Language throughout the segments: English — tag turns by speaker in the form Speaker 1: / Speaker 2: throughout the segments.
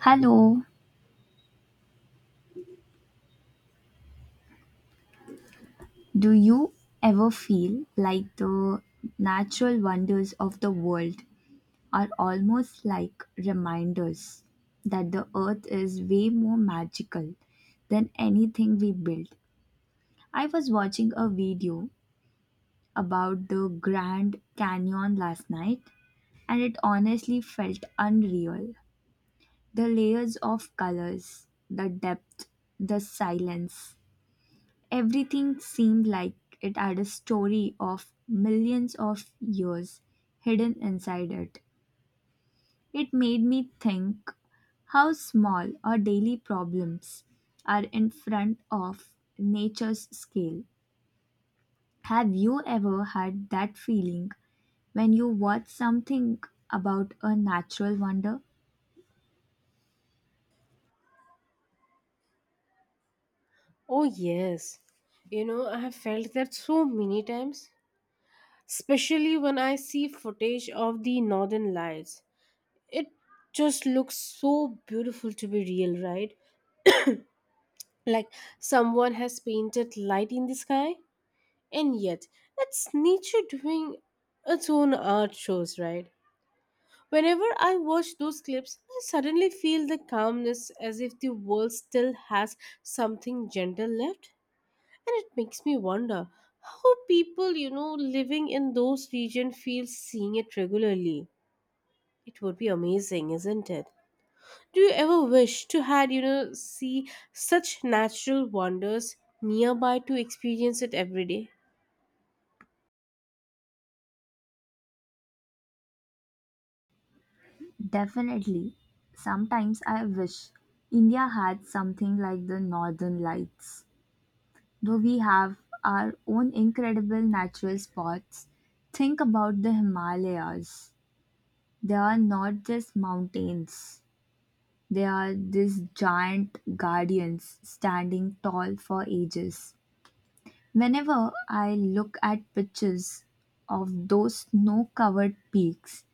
Speaker 1: Hello, do you ever feel like the natural wonders of the world are almost like reminders that the earth is way more magical than anything we build? I was watching a video about the Grand Canyon last night and it honestly felt unreal. The layers of colors, the depth, the silence. Everything seemed like it had a story of millions of years hidden inside it. It made me think how small our daily problems are in front of nature's scale. Have you ever had that feeling when you watch something about a natural wonder?
Speaker 2: Oh, yes. I have felt that so many times, especially when I see footage of the northern lights. It just looks so beautiful to be real, right? Like someone has painted light in the sky, and yet it's nature doing its own art shows, right? Whenever I watch those clips, I suddenly feel the calmness as if the world still has something gentle left. And it makes me wonder how people living in those regions feel seeing it regularly. It would be amazing, isn't it? Do you ever wish to had, see such natural wonders nearby to experience it every day?
Speaker 1: Definitely. Sometimes I wish India had something like the Northern Lights. Though we have our own incredible natural spots, think about the Himalayas. They are not just mountains, they are these giant guardians standing tall for ages. Whenever I look at pictures of those snow covered peaks,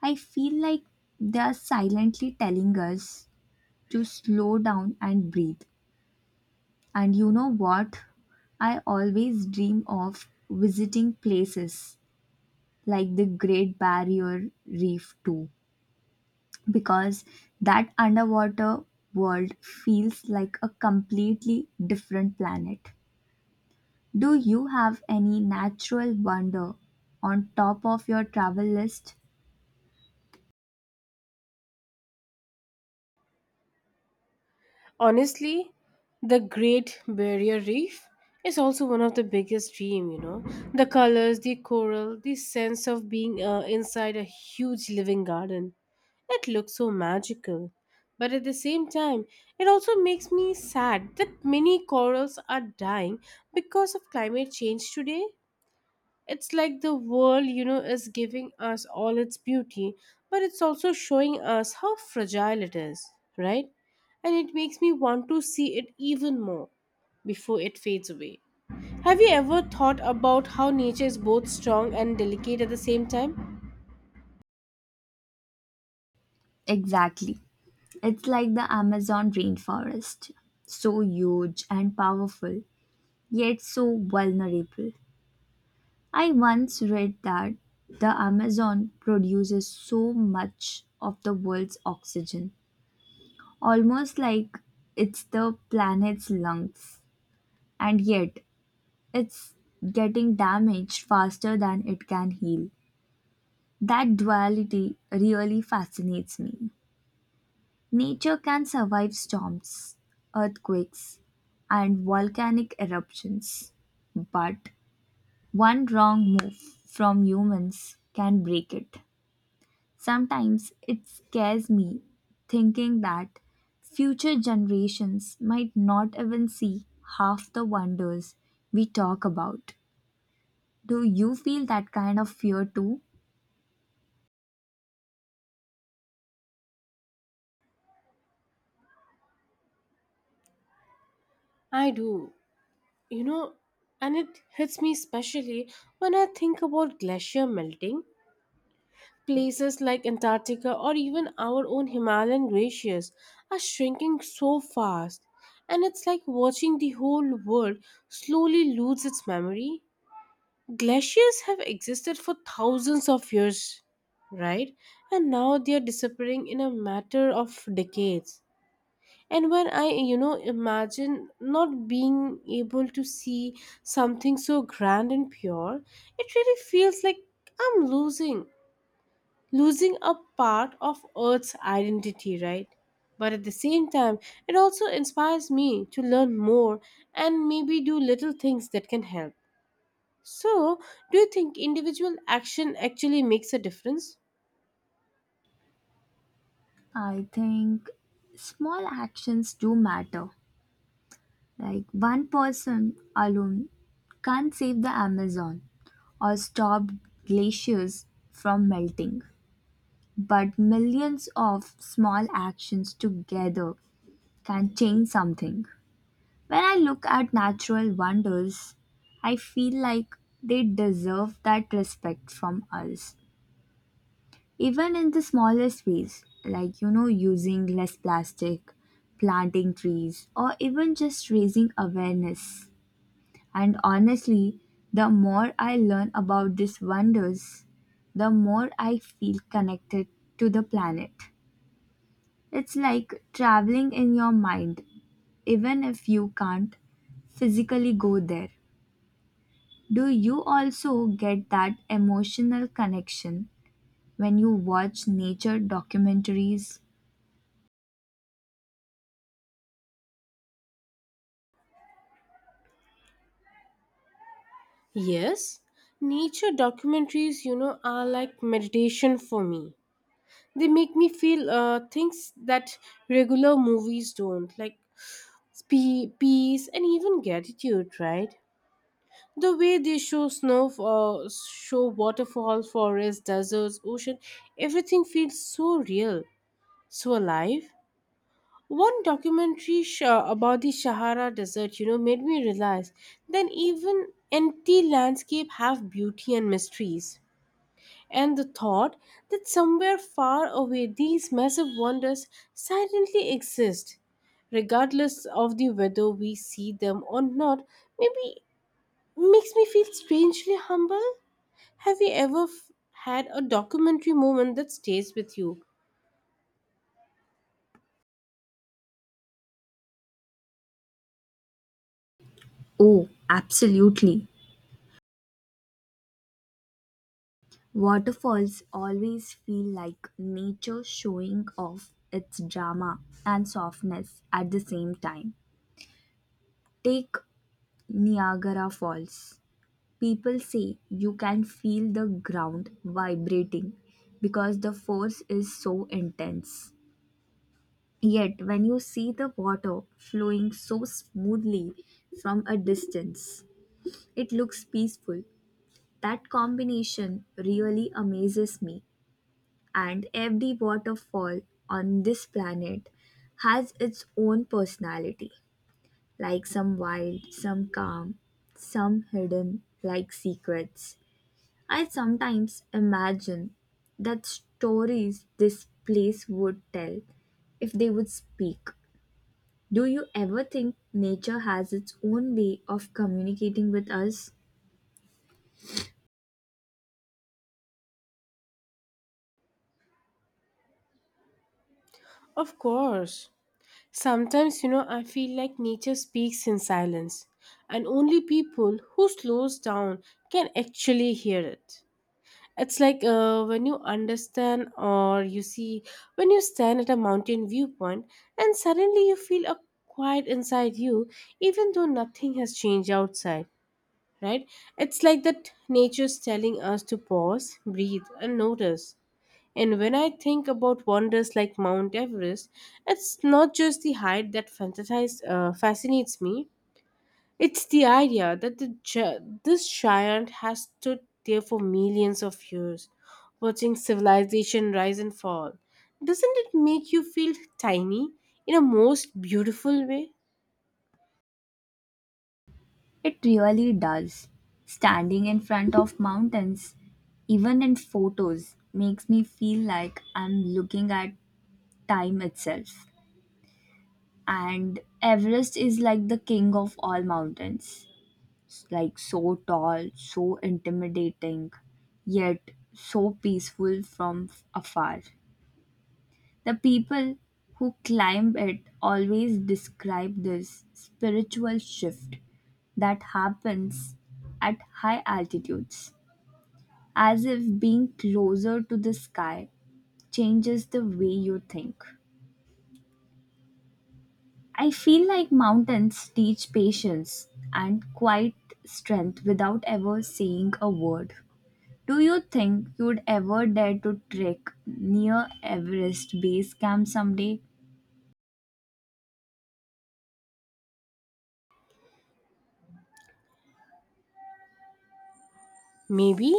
Speaker 1: I feel like they are silently telling us to slow down and breathe. And you know what? I always dream of visiting places like the Great Barrier Reef too because that underwater world feels like a completely different planet. Do you have any natural wonder on top of your travel list?
Speaker 2: Honestly, the Great Barrier Reef is also one of the biggest dream. The colors, the coral, the sense of being inside a huge living garden. It looks so magical. But at the same time, it also makes me sad that many corals are dying because of climate change today. It's like the world is giving us all its beauty, but it's also showing us how fragile it is, right? And it makes me want to see it even more before it fades away. Have you ever thought about how nature is both strong and delicate at the same time?
Speaker 1: Exactly. It's like the Amazon rainforest, so huge and powerful, yet so vulnerable. I once read that the Amazon produces so much of the world's oxygen, almost like it's the planet's lungs, and yet it's getting damaged faster than it can heal. That duality really fascinates me. Nature can survive storms, earthquakes, and volcanic eruptions, but one wrong move from humans can break it. Sometimes it scares me thinking that future generations might not even see half the wonders we talk about. Do you feel that kind of fear too?
Speaker 2: I do. you know and it hits me especially when I think about glacier melting places like Antarctica or even our own Himalayan glaciers are shrinking so fast, and it's like watching the whole world slowly lose its memory. Glaciers have existed for thousands of years, right? And now they are disappearing in a matter of decades. And when I, imagine not being able to see something so grand and pure, it really feels like I'm losing a part of earth's identity, right? But at the same time, it also inspires me to learn more and maybe do little things that can help. So do you think individual action actually makes a difference?
Speaker 1: I think small actions do matter. Like one person alone can't save the Amazon or stop glaciers from melting. But millions of small actions together can change something. When I look at natural wonders, I feel like they deserve that respect from us, even in the smallest ways, like using less plastic, planting trees, or even just raising awareness. And honestly, the more I learn about these wonders, the more I feel connected to the planet. It's like traveling in your mind, even if you can't physically go there. Do you also get that emotional connection when you watch nature documentaries?
Speaker 2: Yes. Nature documentaries are like meditation for me. They make me feel things that regular movies don't, like peace and even gratitude, right? The way they show snow, show waterfall, forest, deserts, ocean, everything feels so real, so alive. One documentary about the Sahara Desert made me realize that even empty landscape have beauty and mysteries. And the thought that somewhere far away these massive wonders silently exist, regardless of the whether we see them or not, maybe makes me feel strangely humble. Have you ever had a documentary moment that stays with you?
Speaker 1: Oh, absolutely. Waterfalls always feel like nature showing off its drama and softness at the same time. Take Niagara Falls. People say you can feel the ground vibrating because the force is so intense. Yet, when you see the water flowing so smoothly from a distance, it looks peaceful. That combination really amazes me. And every waterfall on this planet has its own personality like some wild, some calm, some hidden, like secrets. I sometimes imagine that stories this place would tell if they would speak. Do you ever think nature has its own way of communicating with us?
Speaker 2: Of course. Sometimes I feel like nature speaks in silence, and only people who slows down can actually hear it. It's like when you understand or you see, when you stand at a mountain viewpoint and suddenly you feel a quiet inside you, even though nothing has changed outside, right? It's like that nature's telling us to pause, breathe, and notice. And when I think about wonders like Mount Everest, it's not just the height that fascinates me, it's the idea that this giant has stood there for millions of years, watching civilization rise and fall. Doesn't it make you feel tiny in a most beautiful way?
Speaker 1: It really does. Standing in front of mountains, even in photos, makes me feel like I'm looking at time itself. And Everest is like the king of all mountains. It's like so tall, so intimidating, yet so peaceful from afar. The people who climb it always describe this spiritual shift that happens at high altitudes as if being closer to the sky changes the way you think. I feel like mountains teach patience and quiet strength without ever saying a word. Do you think you would ever dare to trek near Everest base camp someday?
Speaker 2: Maybe,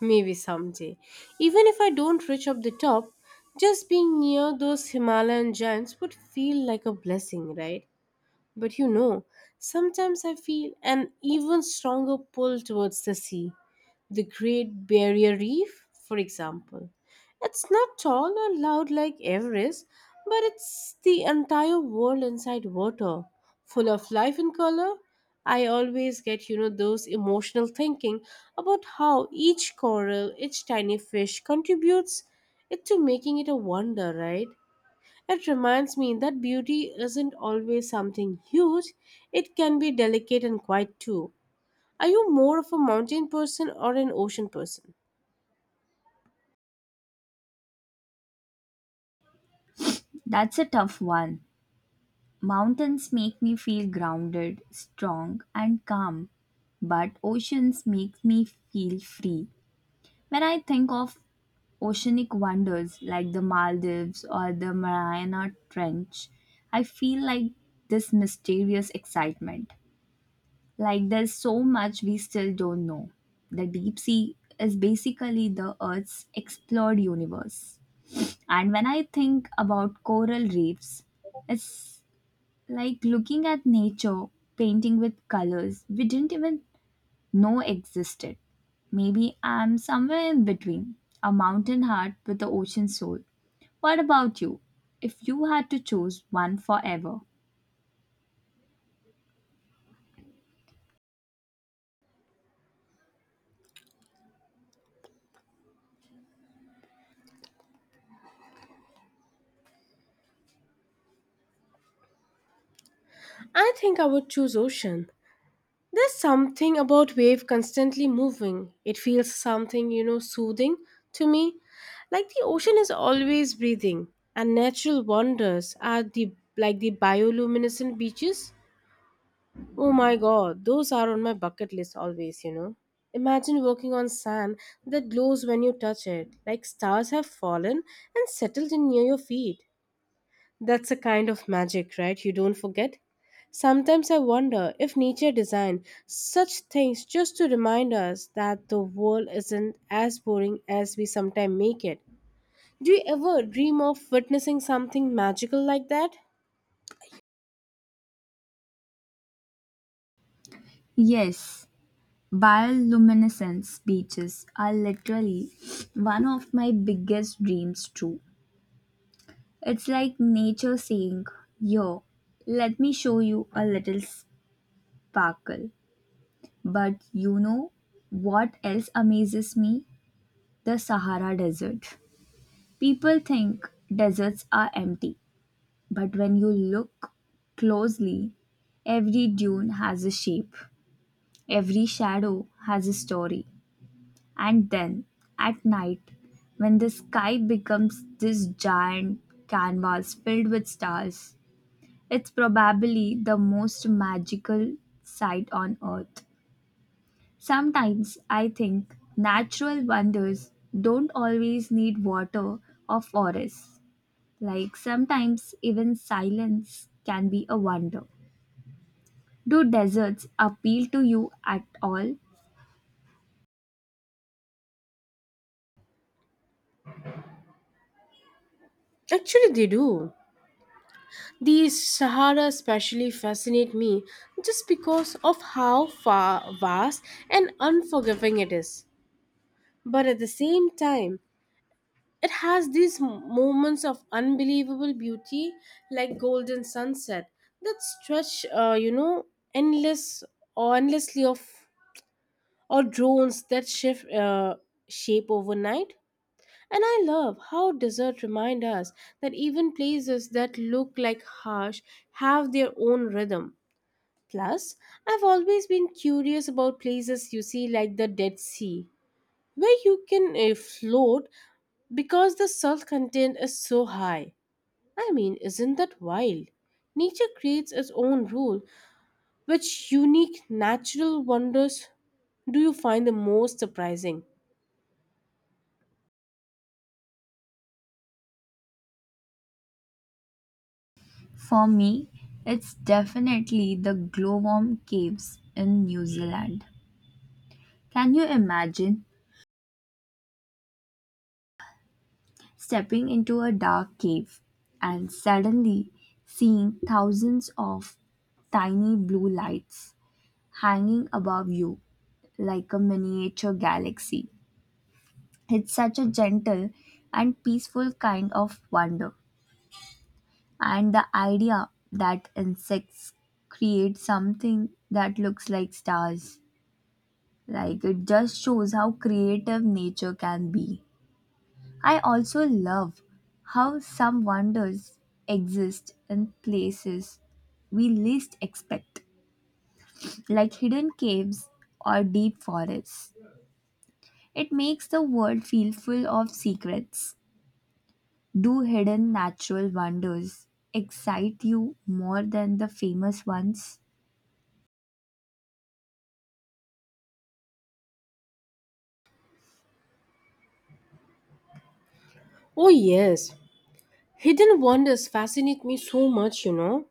Speaker 2: maybe someday. Even if I don't reach up the top, just being near those Himalayan giants would feel like a blessing, right? But sometimes I feel an even stronger pull towards the sea, the Great Barrier Reef, for example. It's not tall or loud like Everest, but it's the entire world inside water, full of life and color. I always get those emotional thinking about how each coral, each tiny fish contributes it to making it a wonder, right? It reminds me that beauty isn't always something huge, it can be delicate and quiet too. Are you more of a mountain person or an ocean person?
Speaker 1: That's a tough one. Mountains make me feel grounded, strong, and calm, but oceans make me feel free. When I think of oceanic wonders like the Maldives or the Mariana Trench, I feel like this mysterious excitement. Like there's so much we still don't know. The deep sea is basically the Earth's explored universe. And when I think about coral reefs, it's like looking at nature, painting with colors we didn't even know existed. Maybe I'm somewhere in between, a mountain heart with the ocean soul. What about you? If you had to choose one forever?
Speaker 2: I think I would choose ocean. There's something about wave constantly moving. It feels something soothing to me. Like the ocean is always breathing, and natural wonders are the like the bioluminescent beaches. Oh my god, those are on my bucket list always. Imagine walking on sand that glows when you touch it, like stars have fallen and settled in near your feet. That's a kind of magic, right? You don't forget. Sometimes I wonder if nature designed such things just to remind us that the world isn't as boring as we sometimes make it. Do you ever dream of witnessing something magical like that?
Speaker 1: Yes, bioluminescence beaches are literally one of my biggest dreams, too. It's like nature saying, Yo, let me show you a little sparkle. But you know what else amazes me? The Sahara Desert. People think deserts are empty, but when you look closely, every dune has a shape, every shadow has a story. And then at night, when the sky becomes this giant canvas filled with stars, it's probably the most magical sight on earth. Sometimes I think natural wonders don't always need water or forests. Like sometimes even silence can be a wonder. Do deserts appeal to you at all?
Speaker 2: Actually, they do. These Sahara especially fascinate me just because of how far, vast, and unforgiving it is. But at the same time, it has these moments of unbelievable beauty, like golden sunset, that stretch, endless or endlessly of or drones that shift shape overnight. And I love how desert remind us that even places that look like harsh have their own rhythm. Plus, I've always been curious about places you see like the Dead Sea, where you can float because the salt content is so high. I mean, isn't that wild? Nature creates its own rule. Which unique natural wonders do you find the most surprising?
Speaker 1: For me, it's definitely the glowworm caves in New Zealand. Can you imagine stepping into a dark cave and suddenly seeing thousands of tiny blue lights hanging above you like a miniature galaxy? It's such a gentle and peaceful kind of wonder. And the idea that insects create something that looks like stars, like it just shows how creative nature can be. I also love how some wonders exist in places we least expect, like hidden caves or deep forests. It makes the world feel full of secrets. Do hidden natural wonders excite you more than the famous ones?
Speaker 2: Oh, yes. Hidden wonders fascinate me so much.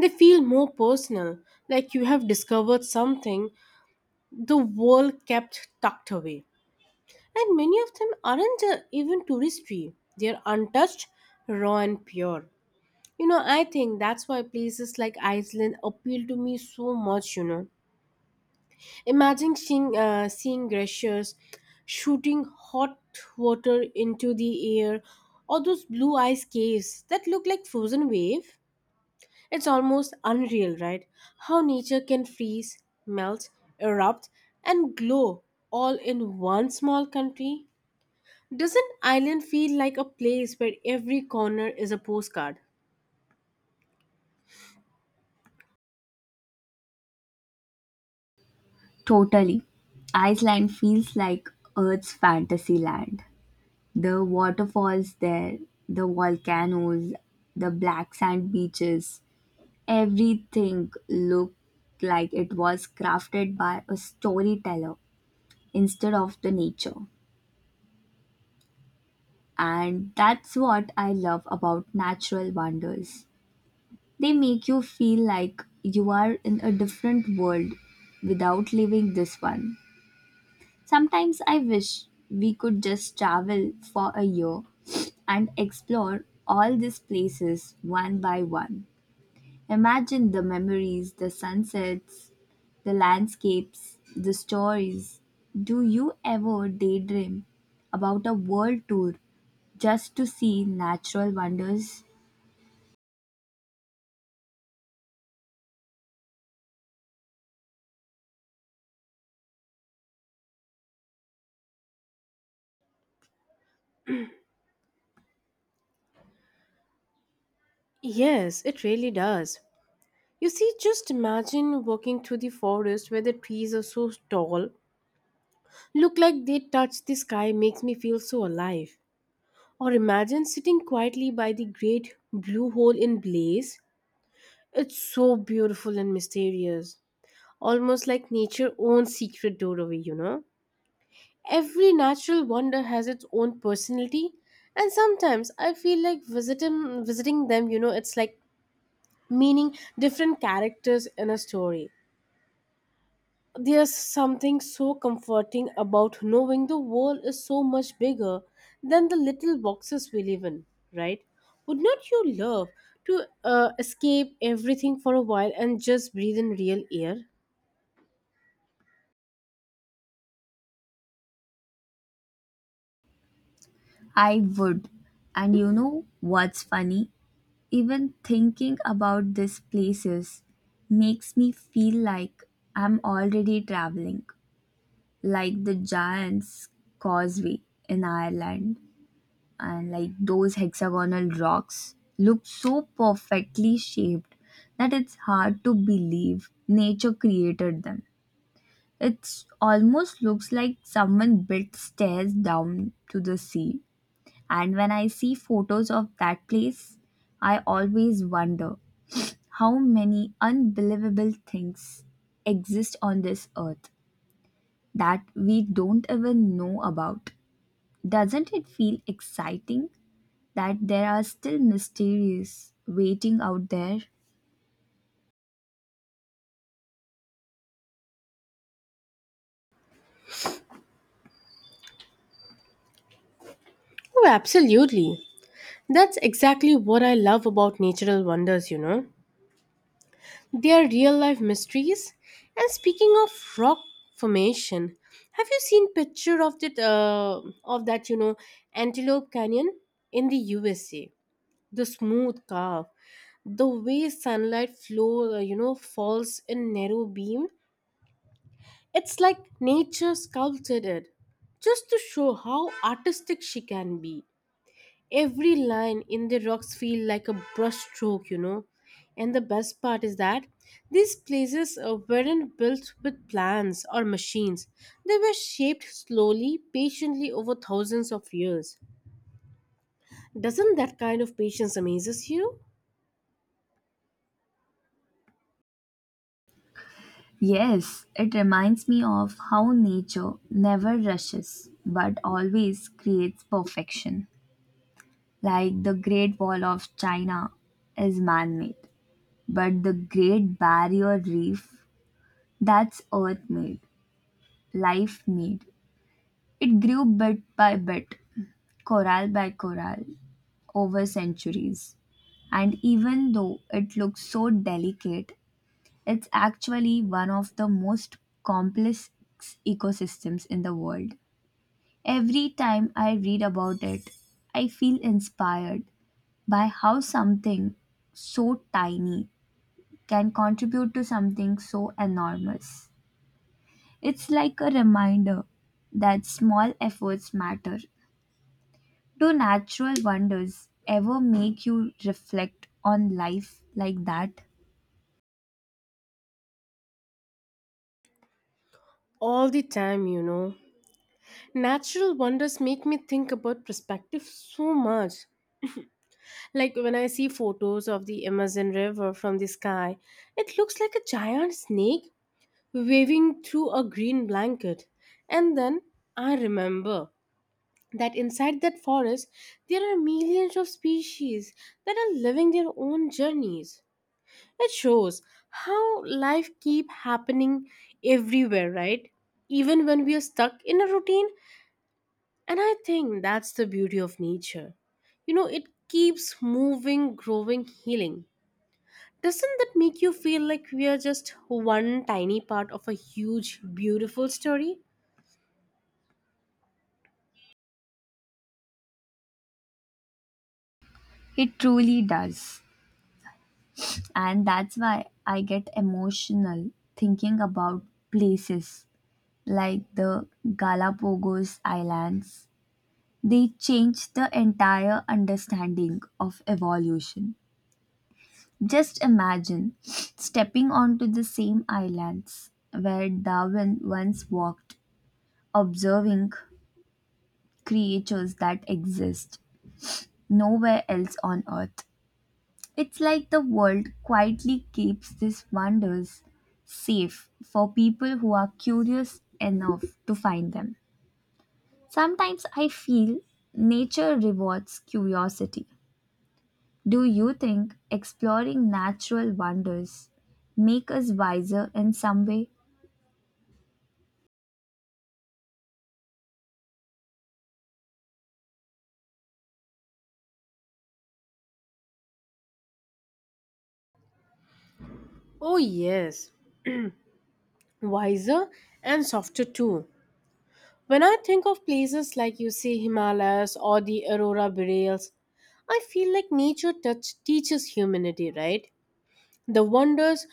Speaker 2: They feel more personal, like you have discovered something the world kept tucked away. And many of them aren't even touristy, they're untouched, raw, and pure. I think that's why places like Iceland appeal to me so much. Imagine seeing glaciers shooting hot water into the air or those blue ice caves that look like frozen wave. It's almost unreal, right? How nature can freeze, melt, erupt, and glow all in one small country. Doesn't Ireland feel like a place where every corner is a postcard?
Speaker 1: Totally. Iceland feels like Earth's fantasy land. The waterfalls there, the volcanoes, the black sand beaches, everything looked like it was crafted by a storyteller instead of the nature. And that's what I love about natural wonders. They make you feel like you are in a different world without leaving this one. Sometimes I wish we could just travel for a year and explore all these places one by one. Imagine the memories, the sunsets, the landscapes, the stories. Do you ever daydream about a world tour just to see natural wonders?
Speaker 2: Yes, it really does. You see, just imagine walking through the forest where the trees are so tall look like they touch the sky makes me feel so alive. Or imagine sitting quietly by the great blue hole in Blaze. It's so beautiful and mysterious, almost like nature's own secret doorway. Every natural wonder has its own personality, and sometimes I feel like visiting them, it's like meeting different characters in a story. There's something so comforting about knowing the world is so much bigger than the little boxes we live in, right? Would not you love to escape everything for a while and just breathe in real air?
Speaker 1: I would. And you know what's funny? Even thinking about these places makes me feel like I'm already traveling, like the Giant's Causeway in Ireland, and like those hexagonal rocks look so perfectly shaped that it's hard to believe nature created them. It almost looks like someone built stairs down to the sea. And when I see photos of that place, I always wonder how many unbelievable things exist on this earth that we don't even know about? Doesn't it feel exciting that there are still mysteries waiting out there?
Speaker 2: Oh, absolutely. That's exactly what I love about natural wonders. They are real life mysteries. And speaking of rock formation, have you seen picture of that Antelope Canyon in the USA? The smooth curve, the way sunlight flow you know falls in narrow beam, it's like nature sculpted it just to show how artistic she can be. Every line in the rocks feel like a brushstroke. And the best part is that these places weren't built with plans or machines, they were shaped slowly, patiently over thousands of years. Doesn't that kind of patience amazes you?
Speaker 1: Yes, it reminds me of how nature never rushes but always creates perfection. Like the Great Wall of China is man made, but the Great Barrier Reef, that's earth made, life made. It grew bit by bit, coral by coral, over centuries. And even though it looks so delicate, it's actually one of the most complex ecosystems in the world. Every time I read about it, I feel inspired by how something so tiny can contribute to something so enormous. It's like a reminder that small efforts matter. Do natural wonders ever make you reflect on life like that?
Speaker 2: All the time, natural wonders make me think about perspective so much. Like when I see photos of the Amazon River from the sky, it looks like a giant snake waving through a green blanket. And then I remember that inside that forest, there are millions of species that are living their own journeys. It shows how life keep happening everywhere, right? Even when we are stuck in a routine. And I think that's the beauty of nature. It keeps moving, growing, healing. Doesn't that make you feel like we are just one tiny part of a huge, beautiful story?
Speaker 1: It truly does. And that's why I get emotional thinking about places like the Galapagos Islands. They changed the entire understanding of evolution. Just imagine stepping onto the same islands where Darwin once walked, observing creatures that exist nowhere else on earth. It's like the world quietly keeps these wonders safe for people who are curious enough to find them. Sometimes I feel nature rewards curiosity. Do you think exploring natural wonders make us wiser in some way?
Speaker 2: Oh, yes, wiser and softer too. When I think of places like you see Himalayas or the Aurora Boreals, I feel like nature touch teaches humanity, right? The wonders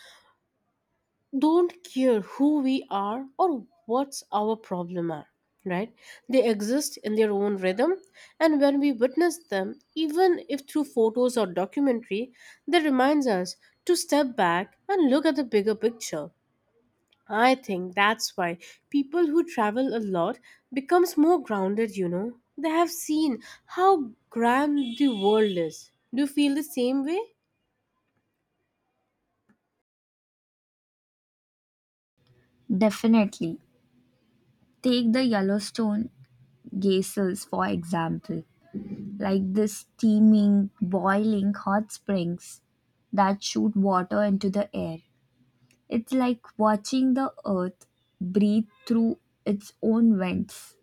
Speaker 2: don't care who we are or what's our problem are, right? They exist in their own rhythm, and when we witness them, even if through photos or documentary, they reminds us to step back and look at the bigger picture. I think that's why people who travel a lot becomes more grounded. They have seen how grand the world is. Do you feel the same way?
Speaker 1: Definitely. Take the Yellowstone geysers for example. Like the steaming, boiling hot springs that shoot water into the air. It's like watching the earth breathe through its own vents.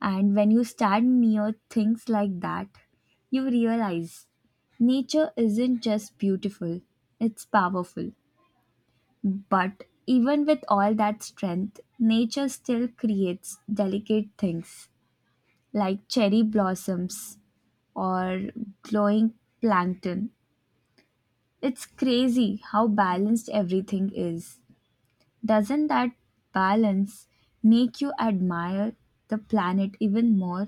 Speaker 1: And when you stand near things like that, you realize nature isn't just beautiful, it's powerful. But even with all that strength, nature still creates delicate things like cherry blossoms or glowing plankton. It's crazy how balanced everything is. Doesn't that balance make you admire the planet even more?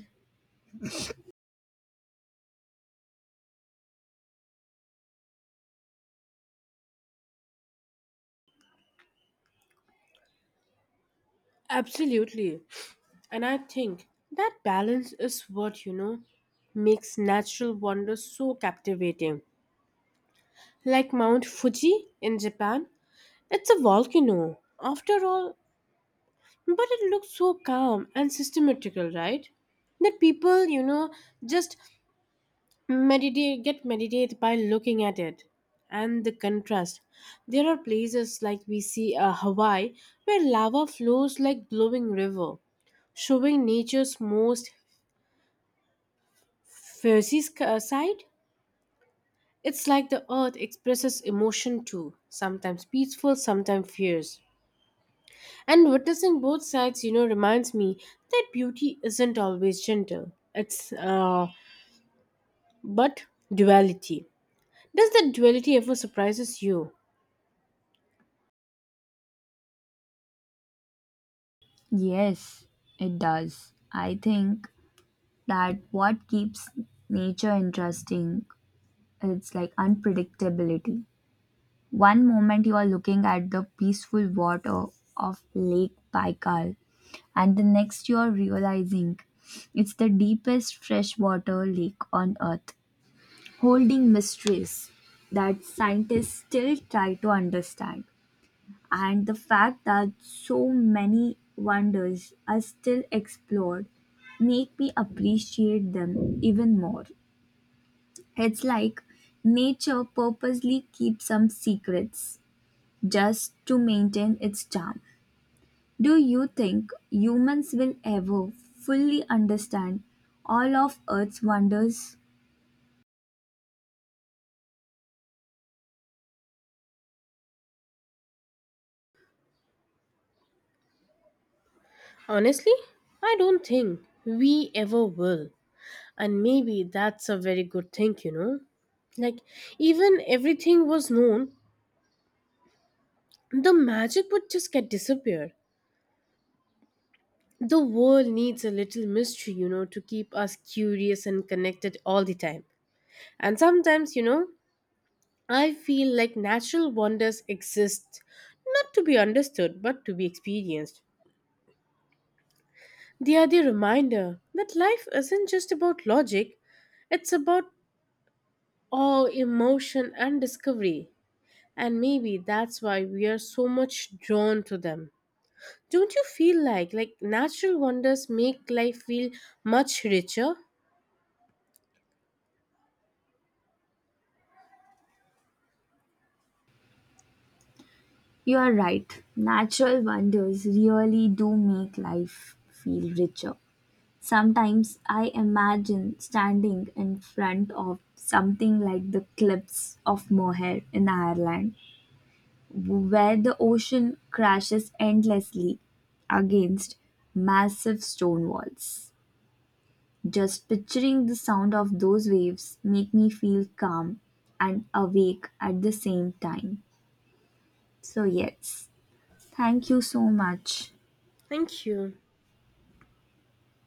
Speaker 2: Absolutely. And I think that balance is what, makes natural wonder so captivating. Like Mount Fuji in Japan, it's a volcano, after all, but it looks so calm and systematical, right? That people just get meditate by looking at it. And the contrast. There are places like we see Hawaii where lava flows like glowing river showing nature's most Fuzzy's side? It's like the earth expresses emotion too, sometimes peaceful, sometimes fierce. And witnessing both sides, reminds me that beauty isn't always gentle. It's, but duality. Does that duality ever surprises you?
Speaker 1: Yes, it does. I think that what keeps nature interesting is like unpredictability. One moment you are looking at the peaceful water of Lake Baikal, and the next you are realizing it's the deepest freshwater lake on Earth, holding mysteries that scientists still try to understand. And the fact that so many wonders are still explored make me appreciate them even more. It's like nature purposely keeps some secrets just to maintain its charm. Do you think humans will ever fully understand all of Earth's wonders?
Speaker 2: Honestly, I don't think we ever will. And maybe that's a very good thing, you know? Like, even everything was known, the magic would just get disappeared. The world needs a little mystery, to keep us curious and connected all the time. And sometimes, I feel like natural wonders exist not to be understood but to be experienced. They are the reminder that life isn't just about logic, it's about awe, emotion, and discovery. And maybe that's why we are so much drawn to them. Don't you feel like natural wonders make life feel much richer?
Speaker 1: You are right. Natural wonders really do make life feel richer. Sometimes I imagine standing in front of something like the cliffs of Moher in Ireland, where the ocean crashes endlessly against massive stone walls. Just picturing the sound of those waves make me feel calm and awake at the same time. So yes, thank you so much.
Speaker 2: Thank you.